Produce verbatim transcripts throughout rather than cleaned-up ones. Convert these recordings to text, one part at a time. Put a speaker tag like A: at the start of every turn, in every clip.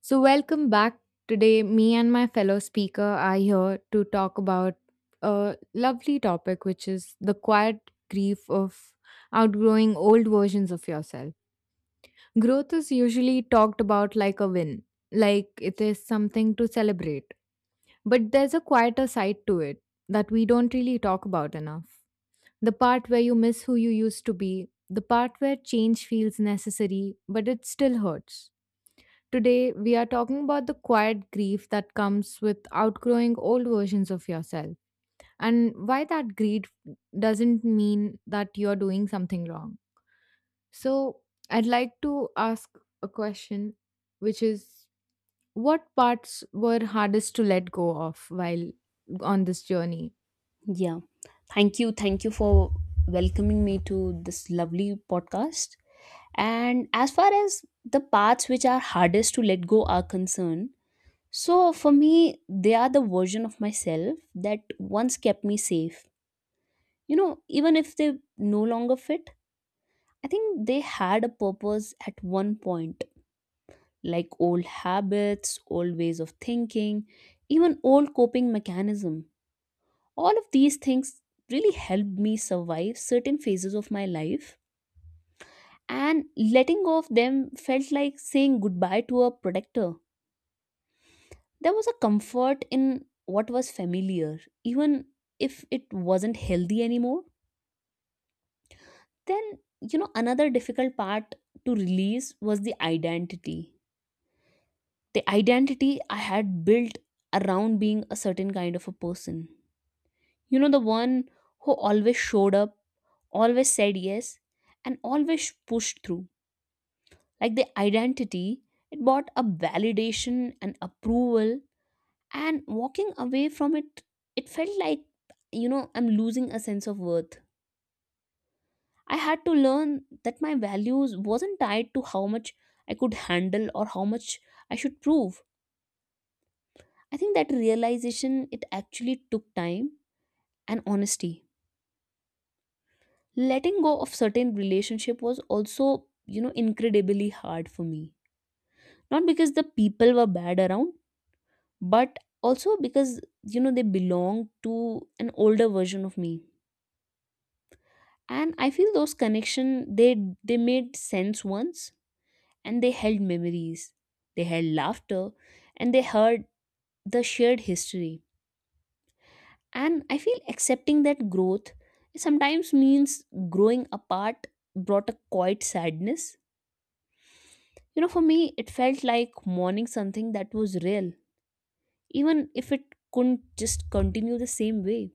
A: So, welcome back. Today, me and my fellow speaker are here to talk about a lovely topic, which is the quiet grief of outgrowing old versions of yourself. Growth is usually talked about like a win, like it is something to celebrate. But there's a quieter side to it that we don't really talk about enough. The part where you miss who you used to be, the part where change feels necessary, but it still hurts. Today, we are talking about the quiet grief that comes with outgrowing old versions of yourself and why that grief doesn't mean that you're doing something wrong. So, I'd like to ask a question, which is what parts were hardest to let go of while on this journey?
B: Yeah. Thank you. Thank you for welcoming me to this lovely podcast. And as far as the parts which are hardest to let go are concerned, so for me, they are the version of myself that once kept me safe. You know, even if they no longer fit, I think they had a purpose at one point, like old habits, old ways of thinking, even old coping mechanism. All of these things really helped me survive certain phases of my life, and letting go of them felt like saying goodbye to a protector. There was a comfort in what was familiar, even if it wasn't healthy anymore. Then, you know, another difficult part to release was the identity. The identity I had built around being a certain kind of a person. You know, the one who always showed up, always said yes, and always pushed through. Like the identity, it brought a validation and approval, and walking away from it, it felt like, you know, I'm losing a sense of worth. I had to learn that my values wasn't tied to how much I could handle or how much I should prove. I think that realization it actually took time and honesty. Letting go of certain relationship was also, you know incredibly hard for me, not because the people were bad around, but also because, you know they belonged to an older version of me. And I feel those connection, they they made sense once, and they held memories, they held laughter, and they heard the shared history. And I feel accepting that growth sometimes means growing apart brought a quiet sadness. You know, for me, it felt like mourning something that was real, even if it couldn't just continue the same way.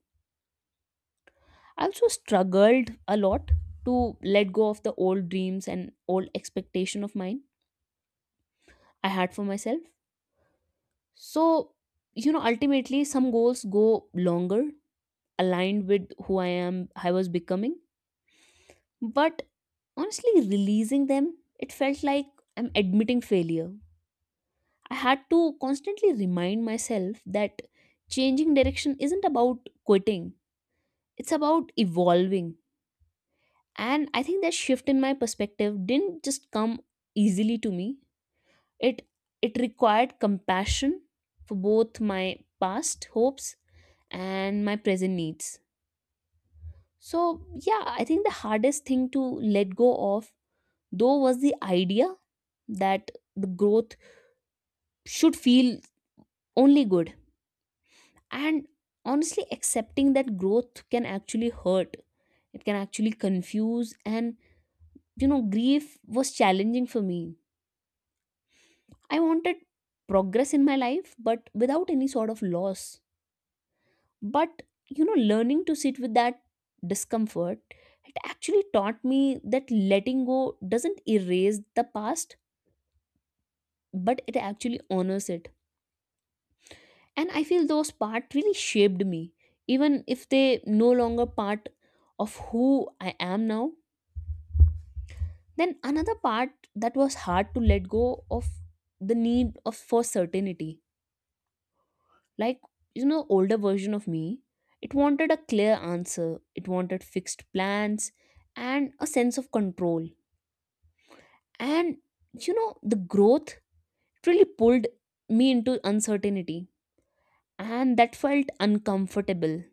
B: I also struggled a lot to let go of the old dreams and old expectation of mine I had for myself. So, you know, ultimately, some goals go longer, aligned with who I am, I was becoming. But honestly, releasing them, it felt like I'm admitting failure. I had to constantly remind myself that changing direction isn't about quitting, it's about evolving. And I think that shift in my perspective didn't just come easily to me. It it required compassion for both my past hopes and my present needs. So, yeah, I think the hardest thing to let go of though was the idea that the growth should feel only good, and honestly accepting that growth can actually hurt, it can actually confuse, and, you know grief was challenging for me. I wanted progress in my life but without any sort of loss. But, you know learning to sit with that discomfort, it actually taught me that letting go doesn't erase the past but it actually honors it. And I feel those parts really shaped me, even if they no longer part of who I am now. Then another part that was hard to let go of, the need of for certainty. Like, you know, older version of me, it wanted a clear answer. It wanted fixed plans and a sense of control. And, you know, the growth really pulled me into uncertainty. And that felt uncomfortable.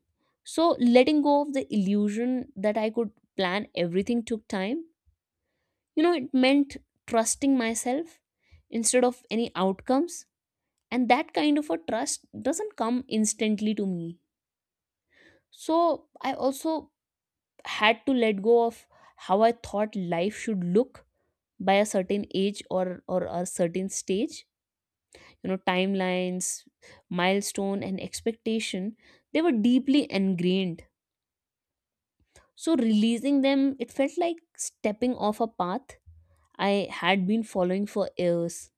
B: So letting go of the illusion that I could plan everything took time. You know, it meant trusting myself instead of any outcomes. And that kind of a trust doesn't come instantly to me. So I also had to let go of how I thought life should look by a certain age, or, or a certain stage. You know, timelines, milestone, and expectation, they were deeply ingrained. So releasing them, it felt like stepping off a path I had been following for years.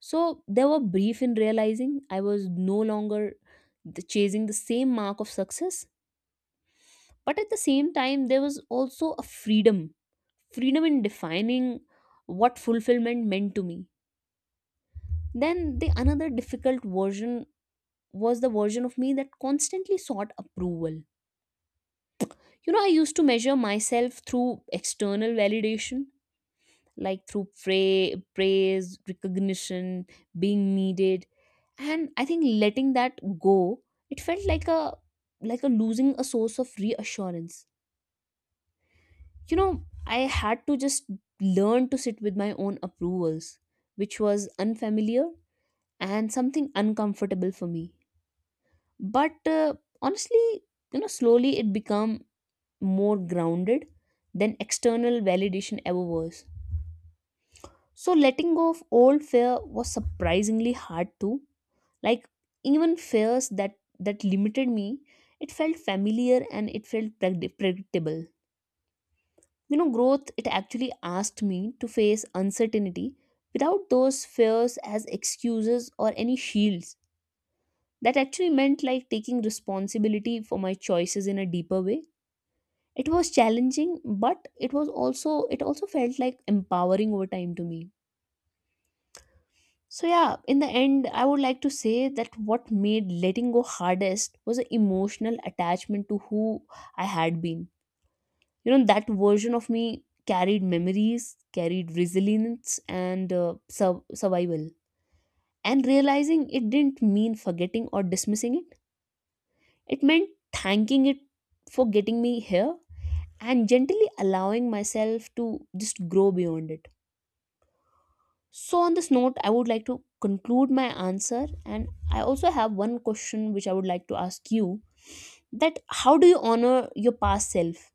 B: So there were brief in realizing I was no longer the- chasing the same mark of success, but at the same time, there was also a freedom, freedom in defining what fulfillment meant to me. Then the another difficult version was the version of me that constantly sought approval. You know, I used to measure myself through external validation, like through pra- praise, recognition, being needed. And I think letting that go, it felt like a like a losing a source of reassurance. You know, I had to just learn to sit with my own approvals, which was unfamiliar and something uncomfortable for me. But uh, honestly, you know slowly it become more grounded than external validation ever was. So letting go of old fear was surprisingly hard too. Like, even fears that that limited me, it felt familiar and it felt predi- predictable. You know, growth it actually asked me to face uncertainty without those fears as excuses or any shields. That actually meant like taking responsibility for my choices in a deeper way. It was challenging, but it was also, it also felt like empowering over time to me. So yeah, in the end, I would like to say that what made letting go hardest was an emotional attachment to who I had been. You know, that version of me carried memories, carried resilience, and uh, sur- survival. And realizing it didn't mean forgetting or dismissing it, it meant thanking it for getting me here and gently allowing myself to just grow beyond it. So, on this note, I would like to conclude my answer, and I also have one question which I would like to ask you, that how do you honor your past self?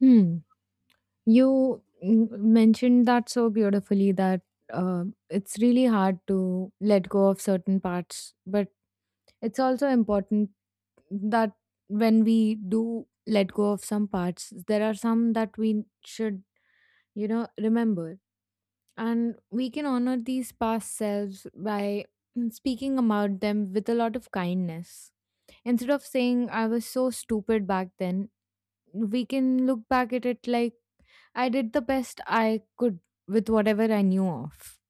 A: Hmm. You mm, mentioned that so beautifully that uh, it's really hard to let go of certain parts, but it's also important that when we do let go of some parts, there are some that we should, you know, remember. And we can honor these past selves by speaking about them with a lot of kindness. Instead of saying, I was so stupid back then, we can look back at it like, I did the best I could with whatever I knew of.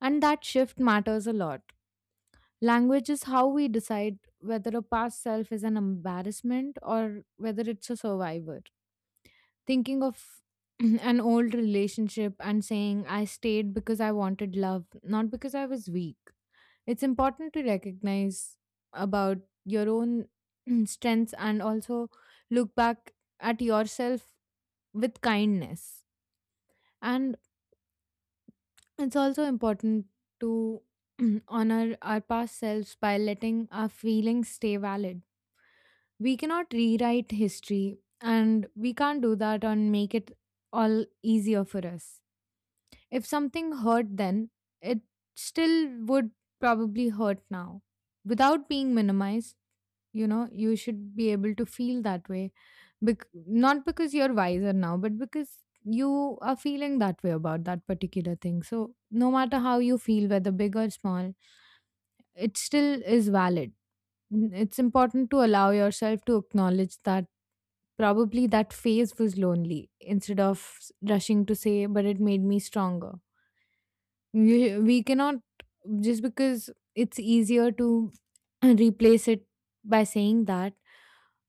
A: And that shift matters a lot. Language is how we decide whether a past self is an embarrassment or whether it's a survivor. Thinking of an old relationship and saying, I stayed because I wanted love, not because I was weak. It's important to recognize about your own strengths and also look back at yourself with kindness. And it's also important to honor our past selves by letting our feelings stay valid. We cannot rewrite history, and we can't do that and make it all easier for us. If something hurt then, it still would probably hurt now. Without being minimized, you know, you should be able to feel that way. Bec- not because you're wiser now, but because you are feeling that way about that particular thing. So, no matter how you feel, whether big or small, it still is valid. N- It's important to allow yourself to acknowledge that probably that phase was lonely instead of s- rushing to say, but it made me stronger. We, we cannot, just because it's easier to replace it by saying that,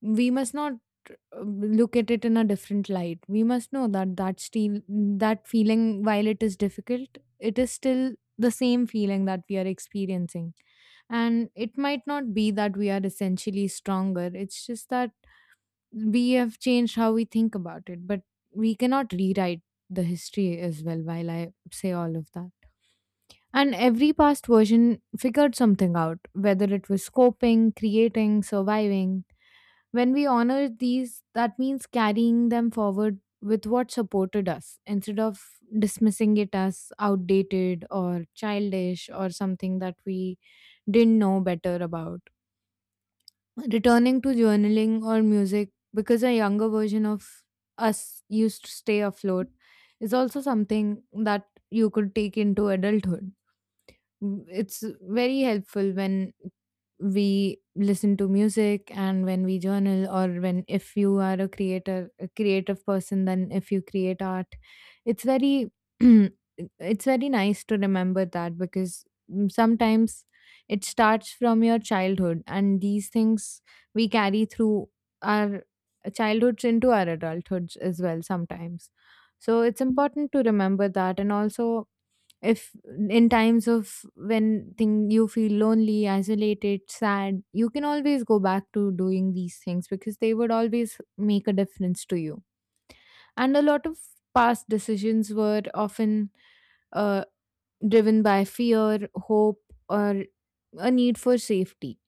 A: we must not uh, look at it in a different light. We must know that that still that feeling, while it is difficult, it is still the same feeling that we are experiencing, and it might not be that we are essentially stronger. It's just that we have changed how we think about it, but we cannot rewrite the history as well, while I say all of that. And every past version figured something out, whether it was coping, creating, surviving. When we honor these, that means carrying them forward with what supported us instead of dismissing it as outdated or childish or something that we didn't know better about. Returning to journaling or music because a younger version of us used to stay afloat is also something that you could take into adulthood. Mm, It's very helpful when we listen to music and when we journal, or when if you are a creator, a creative person, then if you create art, it's very it's very nice to remember that, because mm, sometimes it starts from your childhood, and these things we carry through our childhoods into our adulthoods as well sometimes. So it's important to remember that, and also, if in times of when thing you feel lonely, isolated, sad, you can always go back to doing these things because they would always make a difference to you. And a lot of past decisions were often uh, driven by fear, hope, or a need for safety,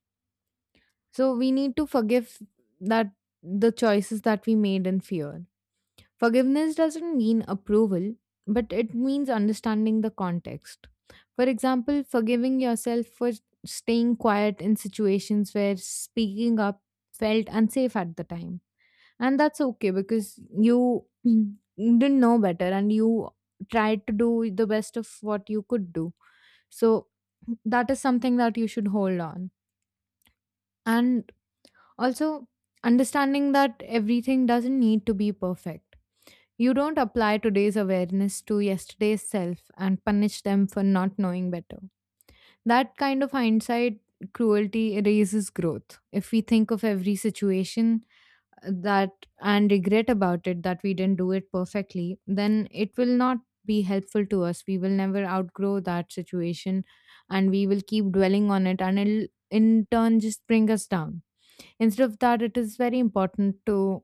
A: so we need to forgive that, the choices that we made in fear. Forgiveness doesn't mean approval, but it means understanding the context. For example, forgiving yourself for staying quiet in situations where speaking up felt unsafe at the time. And that's okay because you didn't know better and you tried to do the best of what you could do. So that is something that you should hold on. And also, understanding that everything doesn't need to be perfect. You don't apply today's awareness to yesterday's self and punish them for not knowing better. That kind of hindsight cruelty erases growth. If we think of every situation uh, that and regret about it that we didn't do it perfectly, then it will not be helpful to us. We will never outgrow that situation, and we will keep dwelling on it, and it'll in turn just bring us down. Instead of that, it is very important to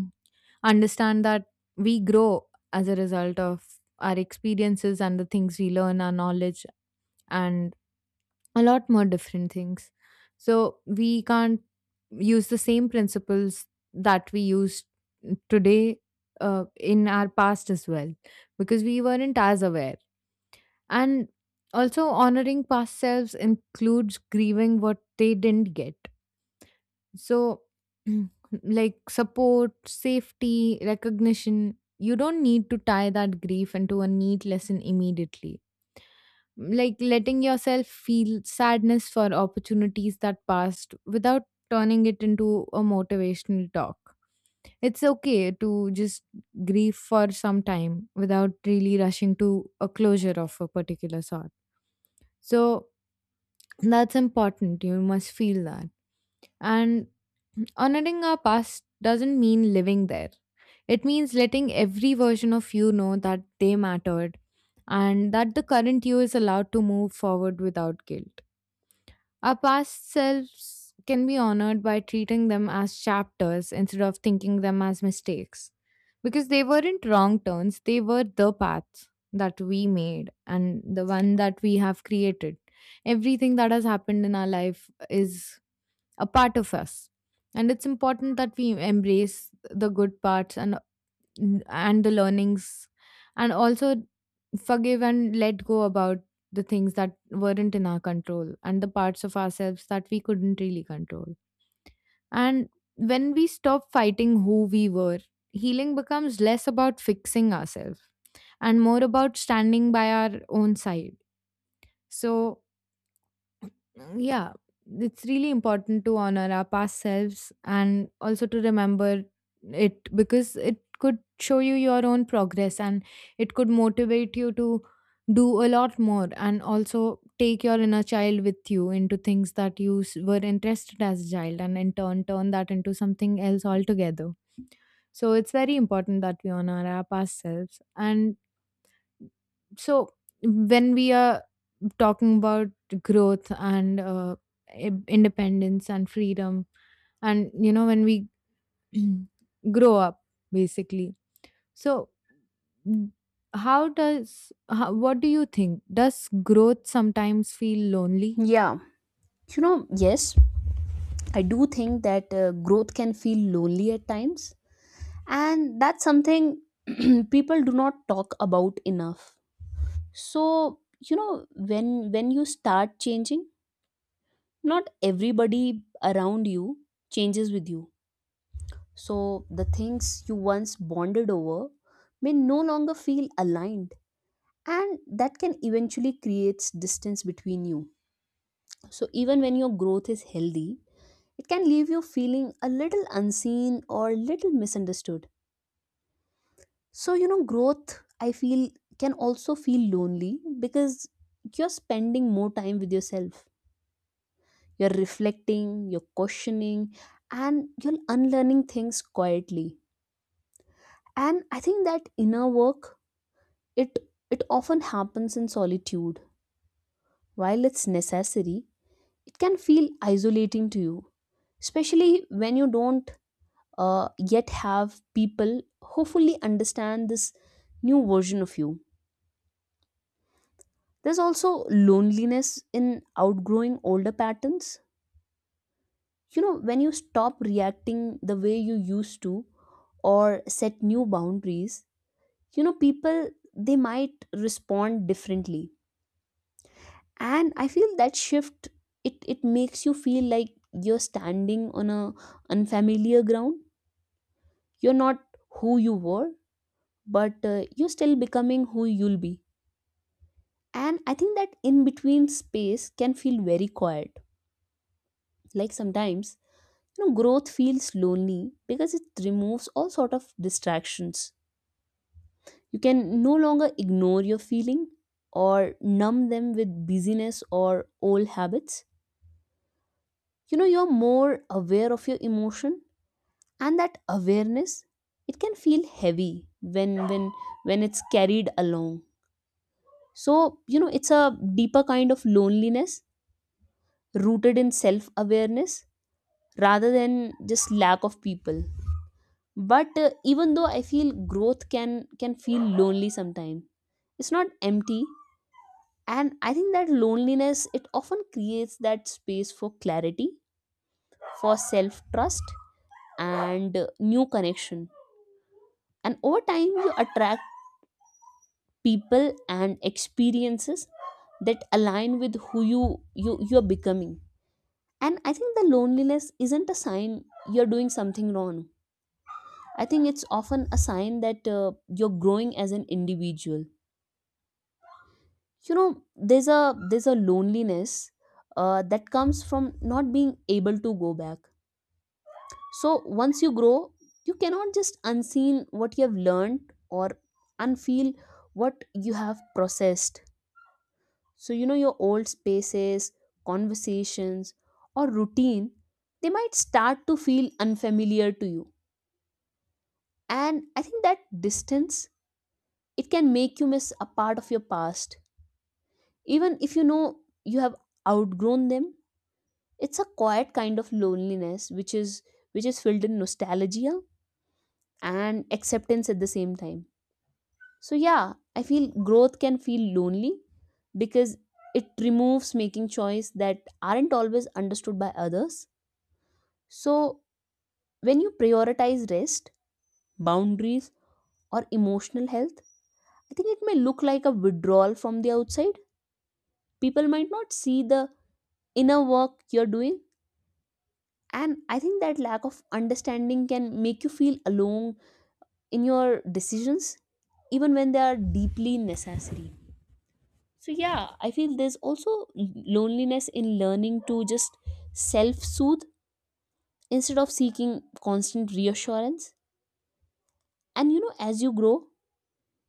A: understand that we grow as a result of our experiences and the things we learn, our knowledge, and a lot more different things. So we can't use the same principles that we used today uh, in our past as well because we weren't as aware. And also, honoring past selves includes grieving what they didn't get, so, like support, safety, recognition, you don't need to tie that grief into a neat lesson immediately. Like letting yourself feel sadness for opportunities that passed without turning it into a motivational talk. It's okay to just grieve for some time without really rushing to a closure of a particular sort. So, that's important. You must feel that. And honoring our past doesn't mean living there. It means letting every version of you know that they mattered and that the current you is allowed to move forward without guilt. Our past selves can be honored by treating them as chapters instead of thinking them as mistakes. Because they weren't wrong turns, they were the paths that we made and the one that we have created. Everything that has happened in our life is a part of us, and it's important that we embrace the good parts and and the learnings, and also forgive and let go about the things that weren't in our control and the parts of ourselves that we couldn't really control. And when we stop fighting who we were, healing becomes less about fixing ourselves and more about standing by our own side. So Mm, yeah, it's really important to honor our past selves, and also to remember it, because it could show you your own progress and it could motivate you to do a lot more, and also take your inner child with you into things that you s- were interested as a child and in turn turn that into something else altogether. So it's very important that we honor our past selves. And so when we are talking about growth and uh, i- independence and freedom, and you know when we grow up basically, so mm, how does how, what do you think, does growth sometimes feel lonely?
B: Yeah, you know, yes, I do think that uh, growth can feel lonely at times, and that's something people do not talk about enough. So, you know, when when you start changing, not everybody around you changes with you. So the things you once bonded over may no longer feel aligned, and that can eventually create distance between you. So even when your growth is healthy, it can leave you feeling a little unseen or little misunderstood. So, you know, growth I feel can also feel lonely because you're spending more time with yourself. You're reflecting, you're questioning, and you're unlearning things quietly. And I think that inner work, It, it often happens in solitude. While it's necessary, it can feel isolating to you, especially when you don't uh, yet have people who fully understand this new version of you. There's also loneliness in outgrowing older patterns. You know, when you stop reacting the way you used to or set new boundaries, you know, people, they might respond differently. And I feel that shift, it it makes you feel like you're standing on a unfamiliar ground. You're not who you were, but uh, you're still becoming who you'll be. And I think that in between space can feel very quiet. Like sometimes, you know growth feels lonely because it removes all sort of distractions. You can no longer ignore your feeling or numb them with busyness or old habits. You know, you're more aware of your emotion, and that awareness, it can feel heavy when when when it's carried along. So, you know it's a deeper kind of loneliness, rooted in self awareness rather than just lack of people. But uh, even though I feel growth can can feel lonely sometimes, it's not empty. And I think that loneliness, it often creates that space for clarity, for self trust, and uh, new connection. And over time you attract people and experiences that align with who you you you're becoming. And I think the loneliness isn't a sign you're doing something wrong. I think it's often a sign that uh, you're growing as an individual. You know, there's a there's a loneliness uh, that comes from not being able to go back. So once you grow, you cannot just unseen what you have learned or unfeel what you have processed. So, you know, your old spaces, conversations, or routine, they might start to feel unfamiliar to you. And I think that distance, it can make you miss a part of your past. Even if you know you have outgrown them, it's a quiet kind of loneliness which is which is filled in nostalgia and acceptance at the same time. So yeah, I feel growth can feel lonely because it removes making choice that aren't always understood by others. So, when you prioritize rest, boundaries, or emotional health, I think it may look like a withdrawal from the outside. People might not see the inner work you're doing. And I think that lack of understanding can make you feel alone in your decisions, even when they are deeply necessary. So, yeah, I feel there's also loneliness in learning to just self soothe instead of seeking constant reassurance. And you know, as you grow,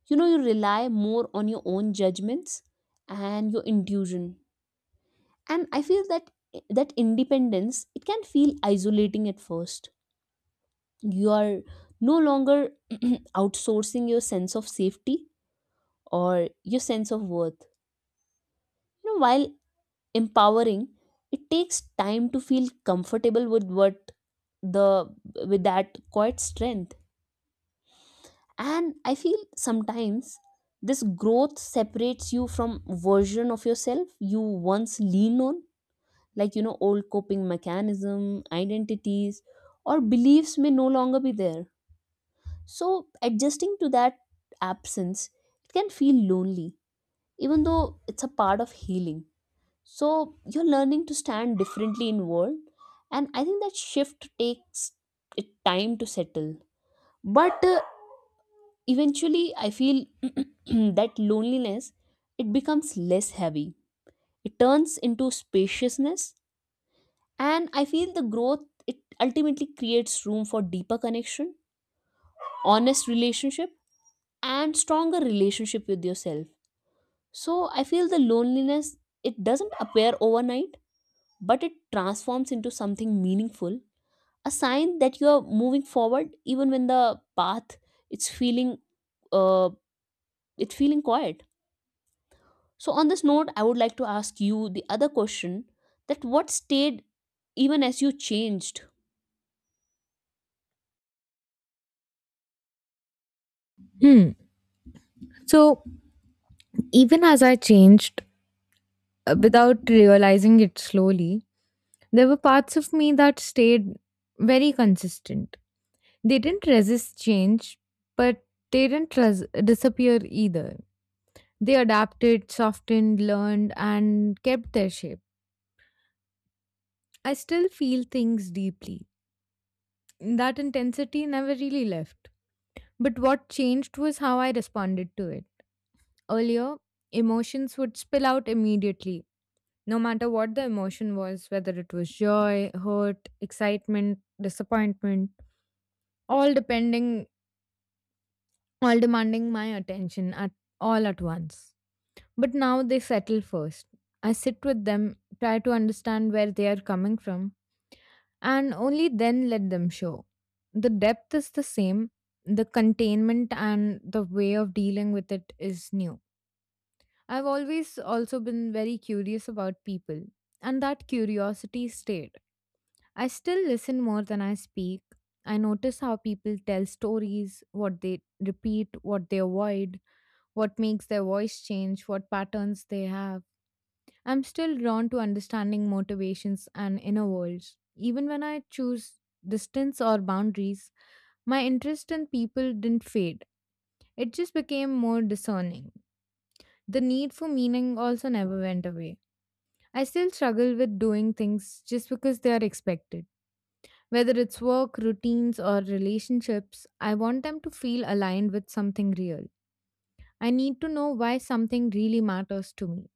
B: you know you rely more on your own judgments and your intuition. And I feel that that independence it can feel isolating at first. You are no longer outsourcing your sense of safety or your sense of worth. You know while empowering, it takes time to feel comfortable with what the with that quiet strength. And I feel sometimes this growth separates you from version of yourself you once lean on, like you know old coping mechanism identities or beliefs may no longer be there. So adjusting to that absence, it can feel lonely, even though it's a part of healing. So you're learning to stand differently in world, and I think that shift takes it time to settle. But uh, eventually, I feel that loneliness, it becomes less heavy. It turns into spaciousness, and I feel the growth, it ultimately creates room for deeper connection, honest relationship, and stronger relationship with yourself. So, I feel the loneliness, it doesn't appear overnight, but it transforms into something meaningful, a sign that you are moving forward even when the path, it's feeling uh it's feeling quiet. So on this note, I would like to ask you the other question, that what stayed even as you changed?
A: Hmm. So even as I changed uh, without realizing it slowly, there were parts of me that stayed very consistent. They didn't resist change, but they didn't res- disappear either. They adapted, softened, learned, and kept their shape. I still feel things deeply. That intensity never really left. But what changed was how I responded to it. Earlier, emotions would spill out immediately, no matter what the emotion was, whether it was joy, hurt, excitement, disappointment, all depending all demanding my attention at all at once. But now they settle first. I sit with them, try to understand where they are coming from, and only then let them show. The depth is the same, the containment and the way of dealing with it is new. I've always also been very curious about people, and that curiosity stayed. I still listen more than I speak. I notice how people tell stories, what they repeat, what they avoid, what makes their voice change, what patterns they have. I'm still drawn to understanding motivations and inner worlds. Even when I choose distance or boundaries, my interest in people didn't fade. It just became more discerning. The need for meaning also never went away. I still struggle with doing things just because they are expected. Whether it's work, routines, or relationships, I want them to feel aligned with something real. I need to know why something really matters to me.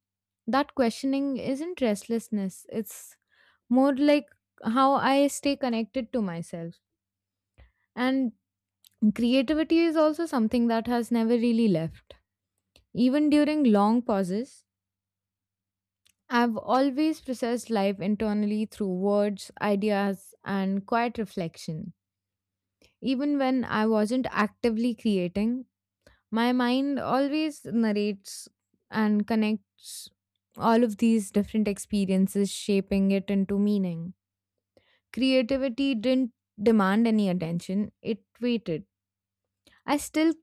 A: That questioning isn't restlessness, it's more like how I stay connected to myself. And creativity is also something that has never really left. Even during long pauses, I've always processed life internally through words, ideas, and quiet reflection. Even when I wasn't actively creating, my mind always narrates and connects all of these different experiences, shaping it into meaning. Creativity didn't demand any attention, it waited. I still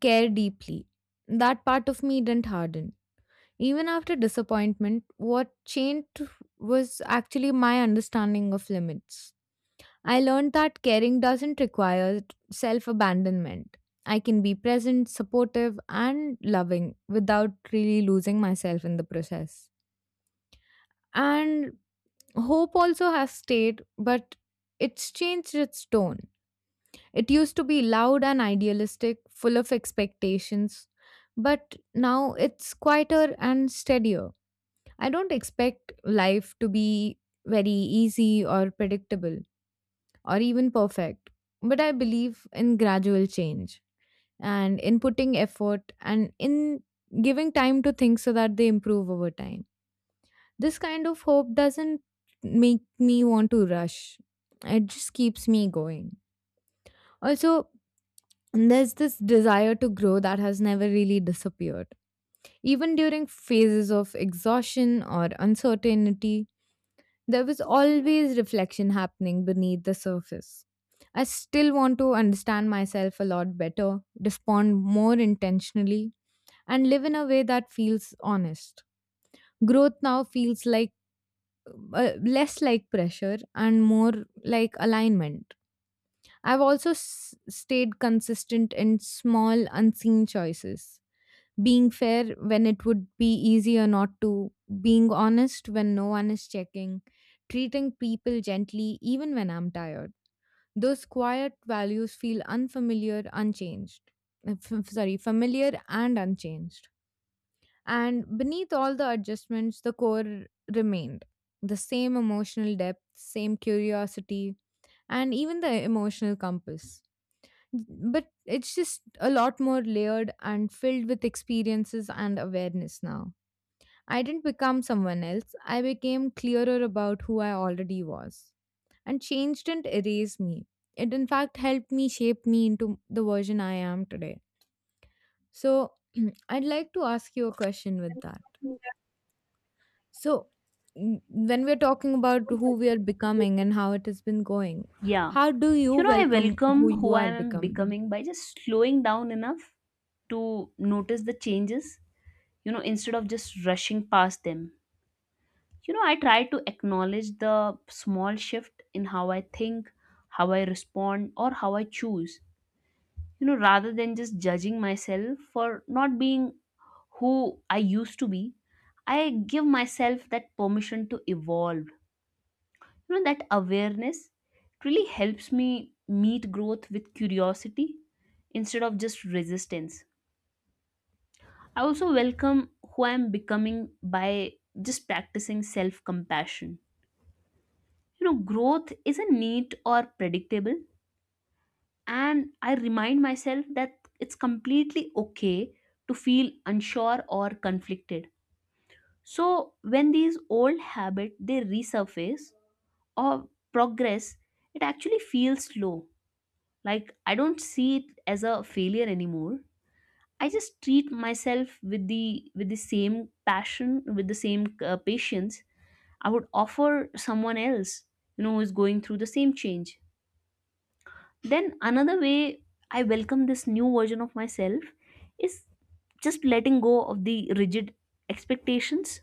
A: care deeply. That part of me didn't harden. Even after disappointment, what changed was actually my understanding of limits. I learned that caring doesn't require self abandonment. I can be present, supportive, and loving without really losing myself in the process. And hope also has stayed, but it's changed its tone. It used to be loud and idealistic, full of expectations, but now it's quieter and steadier. I don't expect life to be very easy or predictable, or even perfect. But I believe in gradual change and in putting effort and in giving time to things so that they improve over time. This kind of hope doesn't make me want to rush, it just keeps me going. Also, there's this desire to grow that has never really disappeared. Even during phases of exhaustion or uncertainty, there was always reflection happening beneath the surface. I still want to understand myself a lot better, respond more intentionally, and live in a way that feels honest. Growth now feels like uh, less like pressure and more like alignment. I've also s- stayed consistent in small, unseen choices, being fair when it would be easier not to, being honest when no one is checking, treating people gently even when I'm tired. Those quiet values feel unfamiliar, unchanged. Uh, f- sorry, familiar and unchanged. And beneath all the adjustments, the core remained the same, emotional depth, same curiosity, and even the emotional compass. But it's just a lot more layered and filled with experiences and awareness now. I didn't become someone else. I became clearer about who I already was. And change didn't erase me. It, in fact, helped me shape me into the version I am today. So, I'd like to ask you a question with that. So, n- when we're talking about who we are becoming and how it has been going,
B: Yeah.
A: how do you
B: You know, I
A: welcome who
B: welcome
A: you
B: who I
A: are
B: am
A: becoming?
B: becoming by just slowing down enough to notice the changes, you know, instead of just rushing past them. you know I try to acknowledge the small shift in how I think, how I respond, or how I choose, you know rather than just judging myself for not being who I used to be. I give myself that permission to evolve. You know that awareness really helps me meet growth with curiosity instead of just resistance. I also welcome who I'm becoming by just practicing self compassion. You know growth isn't neat or predictable, and I remind myself that it's completely okay to feel unsure or conflicted. So when these old habits they resurface, or progress it actually feels slow, like I don't see it as a failure anymore. I just treat myself with the with the same passion, with the same uh, patience I would offer someone else, you know who is going through the same change. Then another way I welcome this new version of myself is just letting go of the rigid expectations.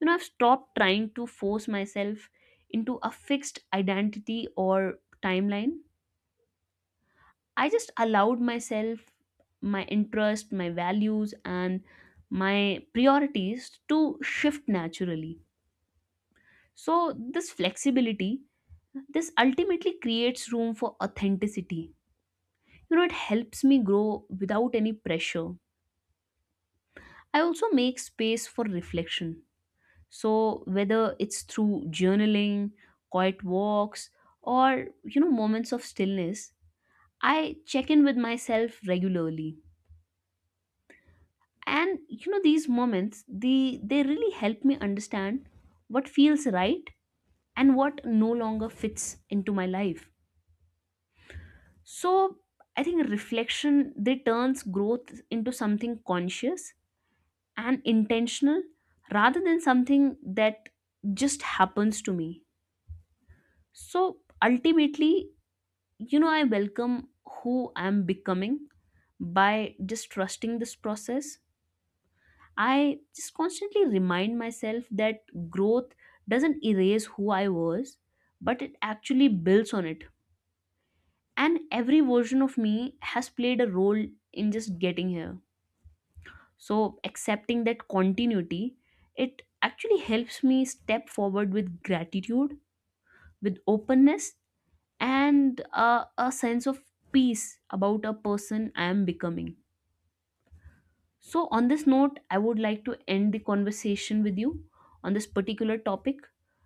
B: You know, I've stopped trying to force myself into a fixed identity or timeline. I just allowed myself, my interest, my values, and my priorities to shift naturally. So, this flexibility, this ultimately creates room for authenticity. You know, it helps me grow without any pressure. I also make space for reflection. So, whether it's through journaling, quiet walks, or you know, moments of stillness, I check in with myself regularly. And you know, these moments, they, they really help me understand what feels right and what no longer fits into my life. So, I think reflection, they turns growth into something conscious and intentional rather than something that just happens to me. So ultimately, you know, I welcome who I'm becoming by just trusting this process. I just constantly remind myself that growth doesn't erase who I was, but it actually builds on it. And every version of me has played a role in just getting here. So, accepting that continuity, it actually helps me step forward with gratitude, with openness, and uh, a sense of peace about a person I am becoming. So, on this note, I would like to end the conversation with you on this particular topic.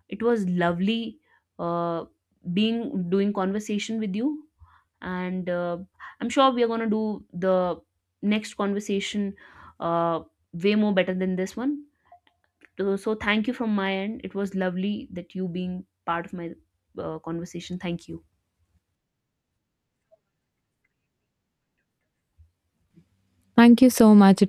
B: It was lovely uh, being doing conversation with you, and uh, I'm sure we are gonna do the next conversation uh, way more better than this one. So so thank you from my end. It was lovely that you being part of my uh, conversation. Thank you.
A: Thank you so much.